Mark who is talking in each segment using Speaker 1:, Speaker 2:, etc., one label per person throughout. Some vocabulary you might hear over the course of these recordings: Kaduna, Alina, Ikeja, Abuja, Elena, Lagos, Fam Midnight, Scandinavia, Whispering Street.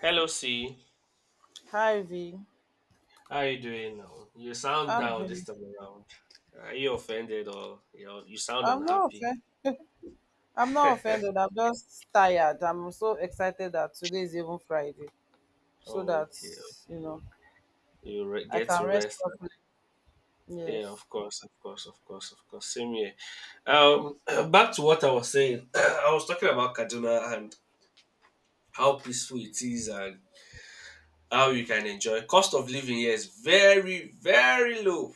Speaker 1: Hello, C.
Speaker 2: Hi V.
Speaker 1: How you doing now? You sound
Speaker 2: I'm
Speaker 1: down this
Speaker 2: doing-
Speaker 1: time around. Are you offended or you know, you sound
Speaker 2: I'm not
Speaker 1: unhappy?
Speaker 2: offended. I'm not offended. I'm just tired. I'm so excited that today is even Friday, so
Speaker 1: Oh,
Speaker 2: that
Speaker 1: okay.
Speaker 2: you know I
Speaker 1: Get
Speaker 2: can
Speaker 1: to
Speaker 2: rest
Speaker 1: rest.
Speaker 2: properly.
Speaker 1: Yeah,
Speaker 2: Yes.
Speaker 1: of course, of course, of course, of course. Same here. Um, back to what I was saying. I was talking about Kaduna and how peaceful it is and how you can enjoy. Cost of living here is very, very low.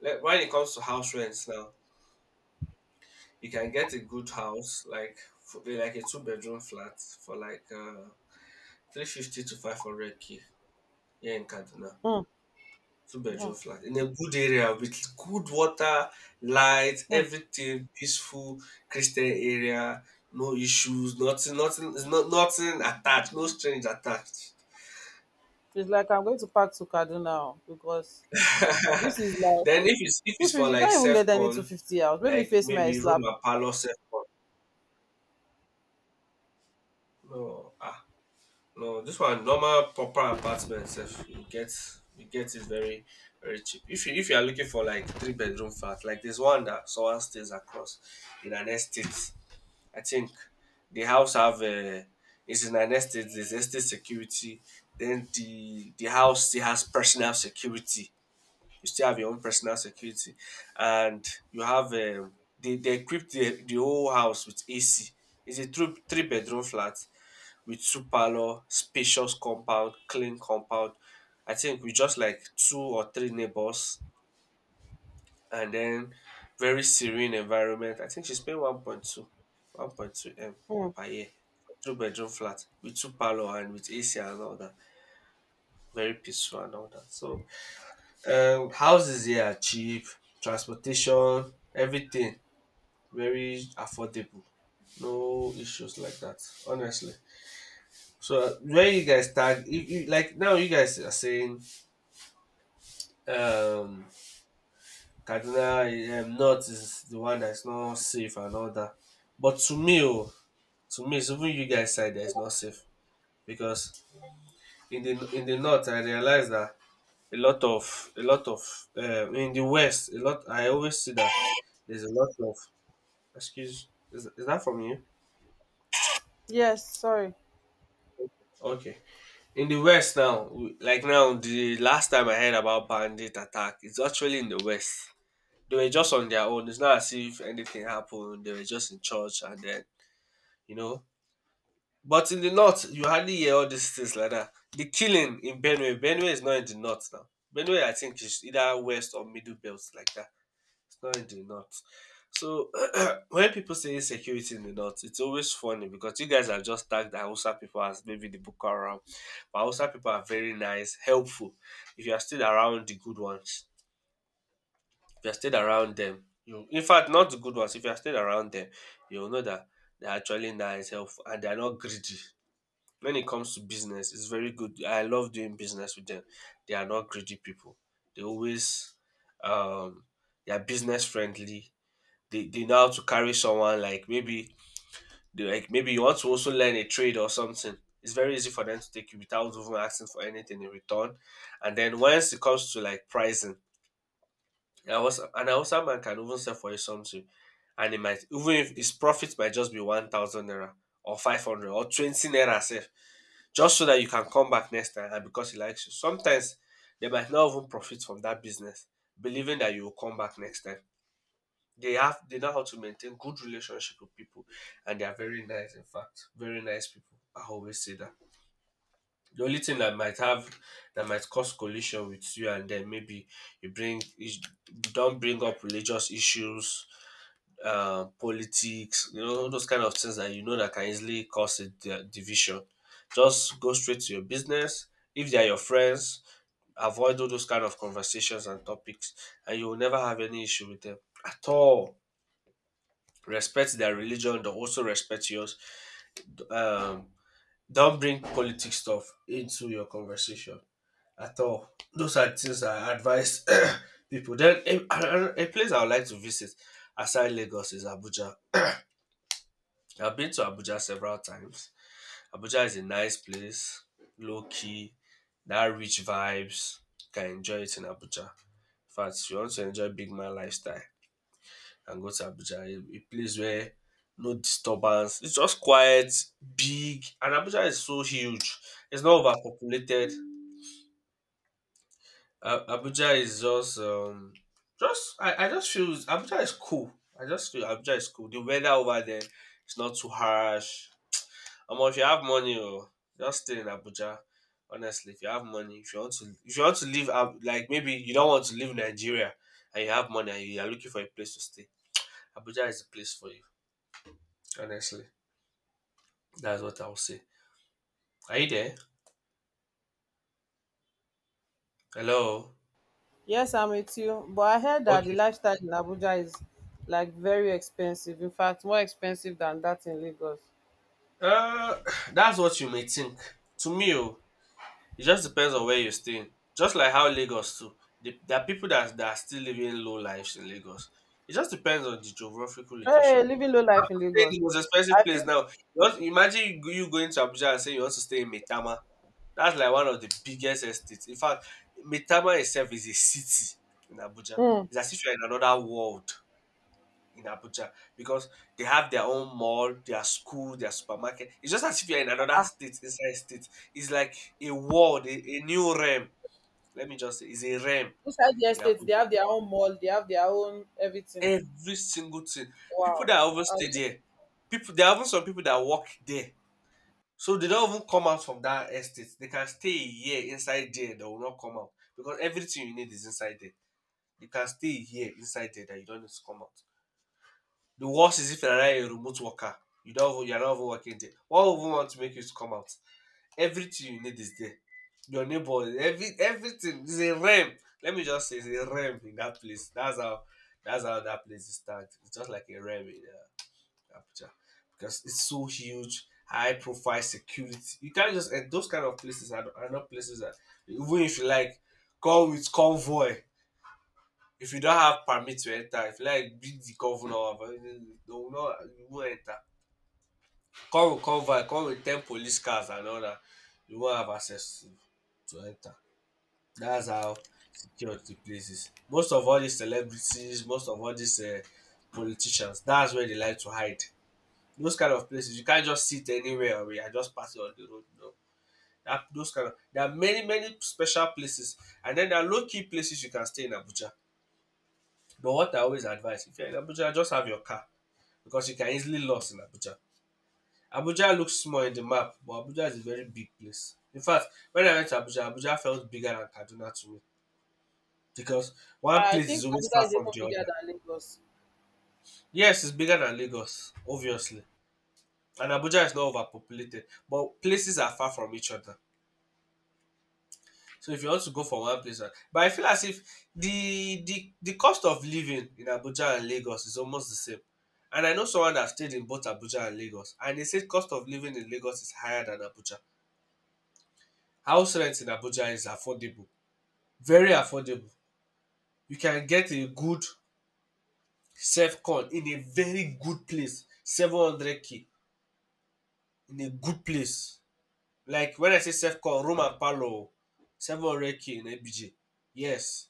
Speaker 1: Like when it comes to house rents now, you can get a good house like like a two-bedroom flat for like 350 to 500 K here in Kaduna,
Speaker 2: Mm,
Speaker 1: two
Speaker 2: mm,
Speaker 1: bedroom flat in a good area with good water, light,
Speaker 2: mm.
Speaker 1: everything, peaceful Christian area, no issues, nothing, nothing, nothing attached, no strings attached.
Speaker 2: It's like I'm going to pack to Kaduna now because this is
Speaker 1: Then
Speaker 2: like
Speaker 1: if it's if
Speaker 2: two
Speaker 1: it's for
Speaker 2: fifty. You
Speaker 1: like
Speaker 2: can't even
Speaker 1: self
Speaker 2: get any two
Speaker 1: con,
Speaker 2: fifty out. Maybe
Speaker 1: like
Speaker 2: face my
Speaker 1: maybe room
Speaker 2: slap.
Speaker 1: and parlour self con, no ah. No, this one normal proper apartment sef you get it very cheap. If you are looking for like three-bedroom flat, like there's one that someone stays across in an estate. I think the house have a it's in an estate, there's estate security. Then the house still has personal security. You still have your own personal security. And you have they equip the whole house with AC. It's a three-bedroom flat with two parlor, spacious compound, clean compound. I think with just like two or three neighbors and then very serene environment. I think she's paying one point two, one 1.2 M
Speaker 2: Hmm.
Speaker 1: per year. Two-bedroom flat with two parlor and with AC and all that. Very peaceful and all that. So houses here are cheap, transportation, everything very affordable. No issues like that, honestly. So where you guys tag, if you, like now you guys are saying um Kaduna North is the one that's not safe and all that. But to me oh, to me it's even you guys side that is not safe because in the North I realize that a lot of in the West a lot I always see that there's a lot of excuse, is that from you?
Speaker 2: Yes. Sorry.
Speaker 1: Okay. In the West now, like now, the last time I heard about bandit attack, it's actually in the West. They were just on their own. It's not as if anything happened. They were just in church and then, you know. But in the north, you hardly hear all these things like that. The killing in Benue, Benue is not in the north now. Benue, I think, is either west or middle belt like that. It's not in the north. So when people say insecurity in the north, it's always funny because you guys have just tagged the Hausa people as maybe the Boko Haram. But Hausa people are very nice, helpful. If you are still around the good ones, if you are stayed around them, you in fact not the good ones, if you are stayed around them, you will know that they're actually nice, helpful, and they are not greedy. When it comes to business, it's very good. I love doing business with them. They are not greedy people. They always um they are business friendly. They know how to carry someone like maybe they like maybe you want to also learn a trade or something. It's very easy for them to take you without even asking for anything in return. And then once it comes to like pricing, I was an Hausa man can even sell for you something, and it might even if his profit might just be 1,000 naira or 500 or 20 naira sef, just so that you can come back next time and because he likes you. Sometimes they might not even profit from that business, believing that you will come back next time. They know how to maintain good relationship with people, and they are very nice. In fact, very nice people. I always say that. The only thing that might cause collision with you and them maybe you bring is- don't bring up religious issues, politics, you know those kind of things that you know that can easily cause a division. Just go straight to your business. If they are your friends, avoid all those kind of conversations and topics, and you will never have any issue with them at all. Respect their religion, they also respect yours. Um, don't bring politics stuff into your conversation at all. Those are things I advise people. Then a place I would like to visit aside Lagos is Abuja. I've been to Abuja several times. Abuja is a nice place, low key, that rich vibes. You can enjoy it in Abuja. In fact, if you want to enjoy big man lifestyle and go to Abuja, a place where no disturbance. It's just quiet, big, and Abuja is so huge. It's not overpopulated. Abuja is just I just feel Abuja is cool. I just feel Abuja is cool. The weather over there is not too harsh. If you have money, oh, just stay in Abuja. Honestly, if you have money, if you want to leave, like maybe you don't want to leave Nigeria and you have money and you are looking for a place to stay, Abuja is the place for you. Honestly, that's what I will say. Are you there? Hello.
Speaker 2: Yes, I'm with you. But I heard that the
Speaker 1: Okay.
Speaker 2: lifestyle in Abuja is like very expensive. In fact, more expensive than that in Lagos.
Speaker 1: Uh, that's what you may think. To me, oh, it just depends on where you're staying. Just like how Lagos too. There are people that are still living low lives in Lagos. It just depends on the geographical
Speaker 2: Hey,
Speaker 1: location.
Speaker 2: living low life in
Speaker 1: Stay in the
Speaker 2: Lagos.
Speaker 1: most
Speaker 2: I
Speaker 1: expensive place
Speaker 2: think,
Speaker 1: now. Just imagine you going to Abuja and saying you want to stay in Metama. That's like one of the biggest estates. In fact, Metama itself is a city in Abuja.
Speaker 2: hmm,
Speaker 1: It's as if you're in another world in Abuja because they have their own mall, their school, their supermarket. It's just as if you're in another state inside state. It's like a world, a new realm. Let me just say, it's a realm
Speaker 2: inside the
Speaker 1: in
Speaker 2: estate they
Speaker 1: Abuja.
Speaker 2: have their own mall, they have their own everything.
Speaker 1: Every single thing. People
Speaker 2: Wow.
Speaker 1: that even
Speaker 2: I
Speaker 1: stay
Speaker 2: like-
Speaker 1: there, people there are even some people that work there. So they don't even come out from that estate. They can stay a year inside there, they will not come out. Because everything you need is inside there. You can stay a year inside there that you don't need to come out. The worst is if you're a remote worker. You're not even working there. What would want to make you to come out? Everything you need is there. Your neighbor, everything is a realm. Let me just say, it's a realm in that place. That's how that place is tagged. It's just like a realm in Abuja because it's so huge, high profile security. You can't just and those kind of places are not places that even if you like come with convoy. If you don't have permit to enter, if you like beat the governor, they will not you won't enter. Come with convoy, come with ten police cars and all that you won't have access to enter. That's how secure the place is. Most of all these celebrities, most of all these politicians, that's where they like to hide. Those kind of places you can't just sit anywhere or you are just passing on the road, no. Dat those kind of there are many special places and then there are low key places you can stay in Abuja. But what I always advise if you are in Abuja, just have your car because you can easily lost in Abuja. Abuja looks small in the map, but Abuja is a very big place. In fact, when I went to Abuja, Abuja felt bigger than Kaduna to me because one
Speaker 2: I
Speaker 1: place is
Speaker 2: think
Speaker 1: always
Speaker 2: Abuja
Speaker 1: far
Speaker 2: is
Speaker 1: from
Speaker 2: even
Speaker 1: the
Speaker 2: bigger
Speaker 1: other.
Speaker 2: than Lagos.
Speaker 1: Yes, it's bigger than Lagos, obviously. And Abuja is not overpopulated, but places are far from each other. So if you want to go from one place, but I feel as if the cost of living in Abuja and Lagos is almost the same. And I know someone that stayed in both Abuja and Lagos, and they said cost of living in Lagos is higher than Abuja. House rent in Abuja is affordable very affordable. You can get a good Sefcon in a very good place, 700 k in a good place. Like when I say Sefcon, room and parlour, oh, 700 k in Ebije. Yes,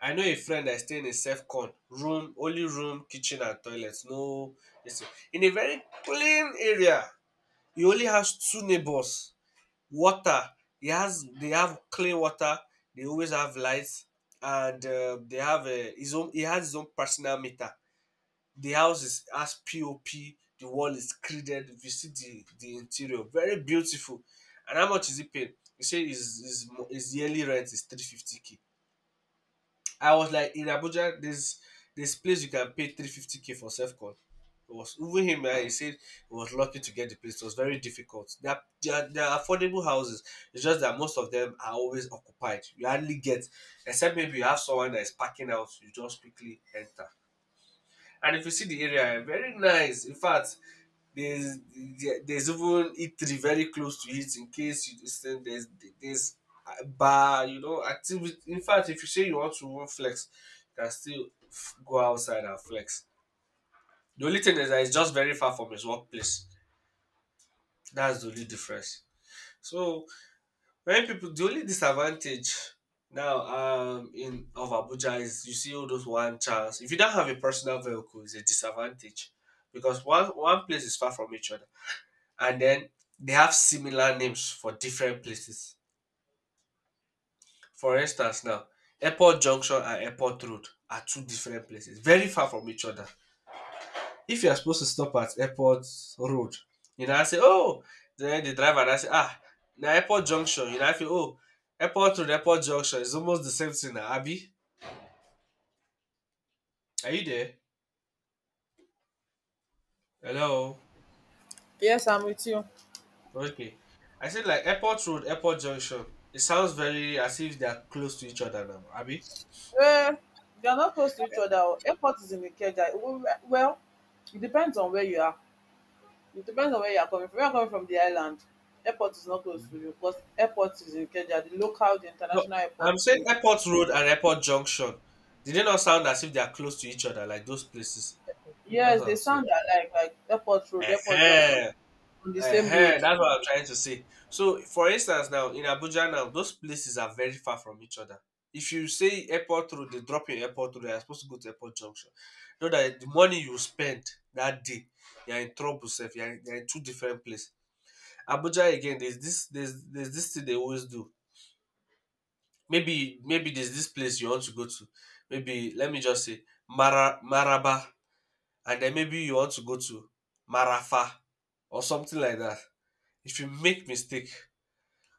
Speaker 1: I know a friend that stay in a Sefcon, room only room, kitchen and toilet, no this thing. In a very clean area. You only house two neighbours. Water, he has they have clean water, they always have lights, and they have his own he has his own personal meter. The house is has pop, the wall is created. If you see the interior, very beautiful. And how much is he paying? He say his yearly rent is 350k. I was like, in Abuja, this place you can pay 350k for self call? It was even him, eh, he said he was lucky to get the place. It was very difficult. They are affordable houses. It's just that most of them are always occupied. You hardly get, except maybe you have someone that is packing out, you just quickly enter. And if you see the area, eh, very nice. In fact, there's there's even eatery very close to it, in case you just think there's a bar, you know, activity. In fact, if you say you want to even flex, you can still go outside and flex. The only thing is that it's just very far from his workplace. That's the only difference. So Many people, the only disadvantage now in of Abuja is you see all those one chance. If you don't have a personal vehicle, it's a disadvantage because one place is far from each other, and then they have similar names for different places. For instance, now Airport Junction and Airport Road are two different places, very far from each other. If you are supposed to stop at airport road, you know, I say, oh, then the driver and I say, ah, the airport junction, you know, now feel, oh, airport road, airport junction is almost the same thing now, abi? Are you there? Hello?
Speaker 2: Yes, I'm with you.
Speaker 1: Okay. I said, like, airport road, airport junction, it sounds very as if they are close to each other now, abi?
Speaker 2: Well, they are not close to each other. Oh. Airport is in Ikeja. Well, it depends on where you are. It depends on where you are coming from. If you are coming from the island, airport is not close to you because airport is in Ikeja. The local, the
Speaker 1: No,
Speaker 2: international airport
Speaker 1: I'm
Speaker 2: is in
Speaker 1: saying
Speaker 2: Ikeja.
Speaker 1: Airport Road and Airport Junction. Did they not sound as if they are close to each other, like those places? That's
Speaker 2: Yes,
Speaker 1: what
Speaker 2: they
Speaker 1: I'm saying.
Speaker 2: sound alike, like airport road, airport junction
Speaker 1: Eh.
Speaker 2: on the same road.
Speaker 1: That's what I'm trying to say. So, for instance, now in Abuja, now those places are very far from each other. If you say airport road, they drop you in airport road. You're supposed to go to airport junction. Know that the money you spend that day, you're in trouble, self. You're in two different places. Abuja again. There's this. There's this thing they always do. Maybe there's this place you want to go to, maybe let me just say Mara, maraba, and then maybe you want to go to marafa or something like that. If you make mistake,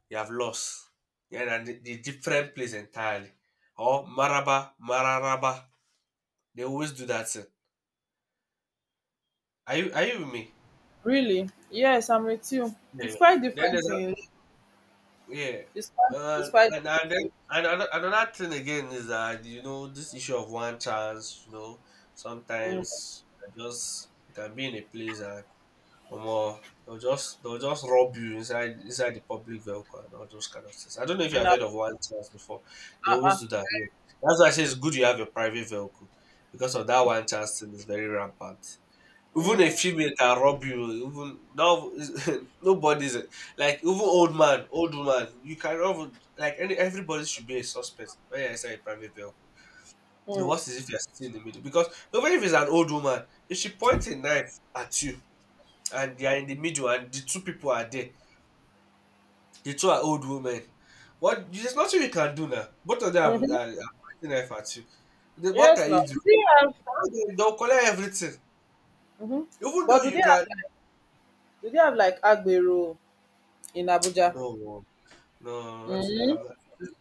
Speaker 1: you have lost. Yeah, and the different place entirely. Or maraba, mararaba, they always do that thing. Are you with me?
Speaker 2: Really? Yes, I'm with you.
Speaker 1: Yeah,
Speaker 2: It's
Speaker 1: yeah.
Speaker 2: quite
Speaker 1: Then there's,
Speaker 2: different in
Speaker 1: yeah.
Speaker 2: it's quite
Speaker 1: Uh,
Speaker 2: it's quite
Speaker 1: and then
Speaker 2: different
Speaker 1: another thing again is that, you know, this issue of one chance. You know,
Speaker 2: in.
Speaker 1: sometimes you can be in a place and more they'll just rob you inside the public vehicle and all those kind of things. I don't know if you
Speaker 2: In
Speaker 1: have
Speaker 2: Ab-
Speaker 1: heard of one chance before. They
Speaker 2: uh, uh,
Speaker 1: always do that, yeah. That's why I say it's good you have a private vehicle because of that one chance thing is very rampant. Even a
Speaker 2: mm,
Speaker 1: female can rob you. Even, no, nobody's, like, even old man, old woman. You can rob, like, any everybody should be a suspect when you enter a private vehicle. The
Speaker 2: mm,
Speaker 1: worst is if you're sitting in the middle, because even if it's an old woman, if she points a knife at you, and they are in the middle and the two people are there, the two are old women. What, there's nothing you can do now. Both of them are,
Speaker 2: mm-hmm.
Speaker 1: are pointing knife at you. Then what
Speaker 2: Yes,
Speaker 1: can
Speaker 2: now
Speaker 1: you do?
Speaker 2: do they have
Speaker 1: They'll collect everything,
Speaker 2: mm-hmm.
Speaker 1: even
Speaker 2: but
Speaker 1: though
Speaker 2: do they
Speaker 1: you
Speaker 2: have
Speaker 1: can.
Speaker 2: like Do they have like agbero in Abuja?
Speaker 1: No. No, nothing.
Speaker 2: Mm-hmm.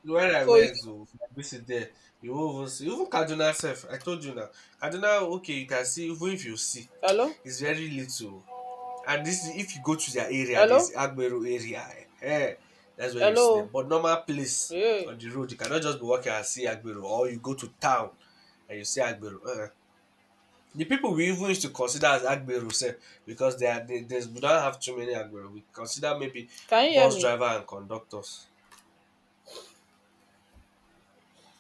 Speaker 1: Where I
Speaker 2: So is
Speaker 1: went, so I visit there. You won't even see. Even Kaduna self, I told you now. Kaduna, okay, you can see. Even if you see,
Speaker 2: Hello.
Speaker 1: it's very little. And this, if you go to their area,
Speaker 2: Hello.
Speaker 1: this Agbero area, eh, that's where you see them.
Speaker 2: Hello.
Speaker 1: But normal place
Speaker 2: Hey,
Speaker 1: on the road, you cannot just be walking and see Agbero, or you go to town and you see Agbero. The people we even used to consider as Agbero, sef, because there's we don't have too many Agbero. We consider maybe
Speaker 2: can you hear
Speaker 1: bus
Speaker 2: me?
Speaker 1: driver and conductors.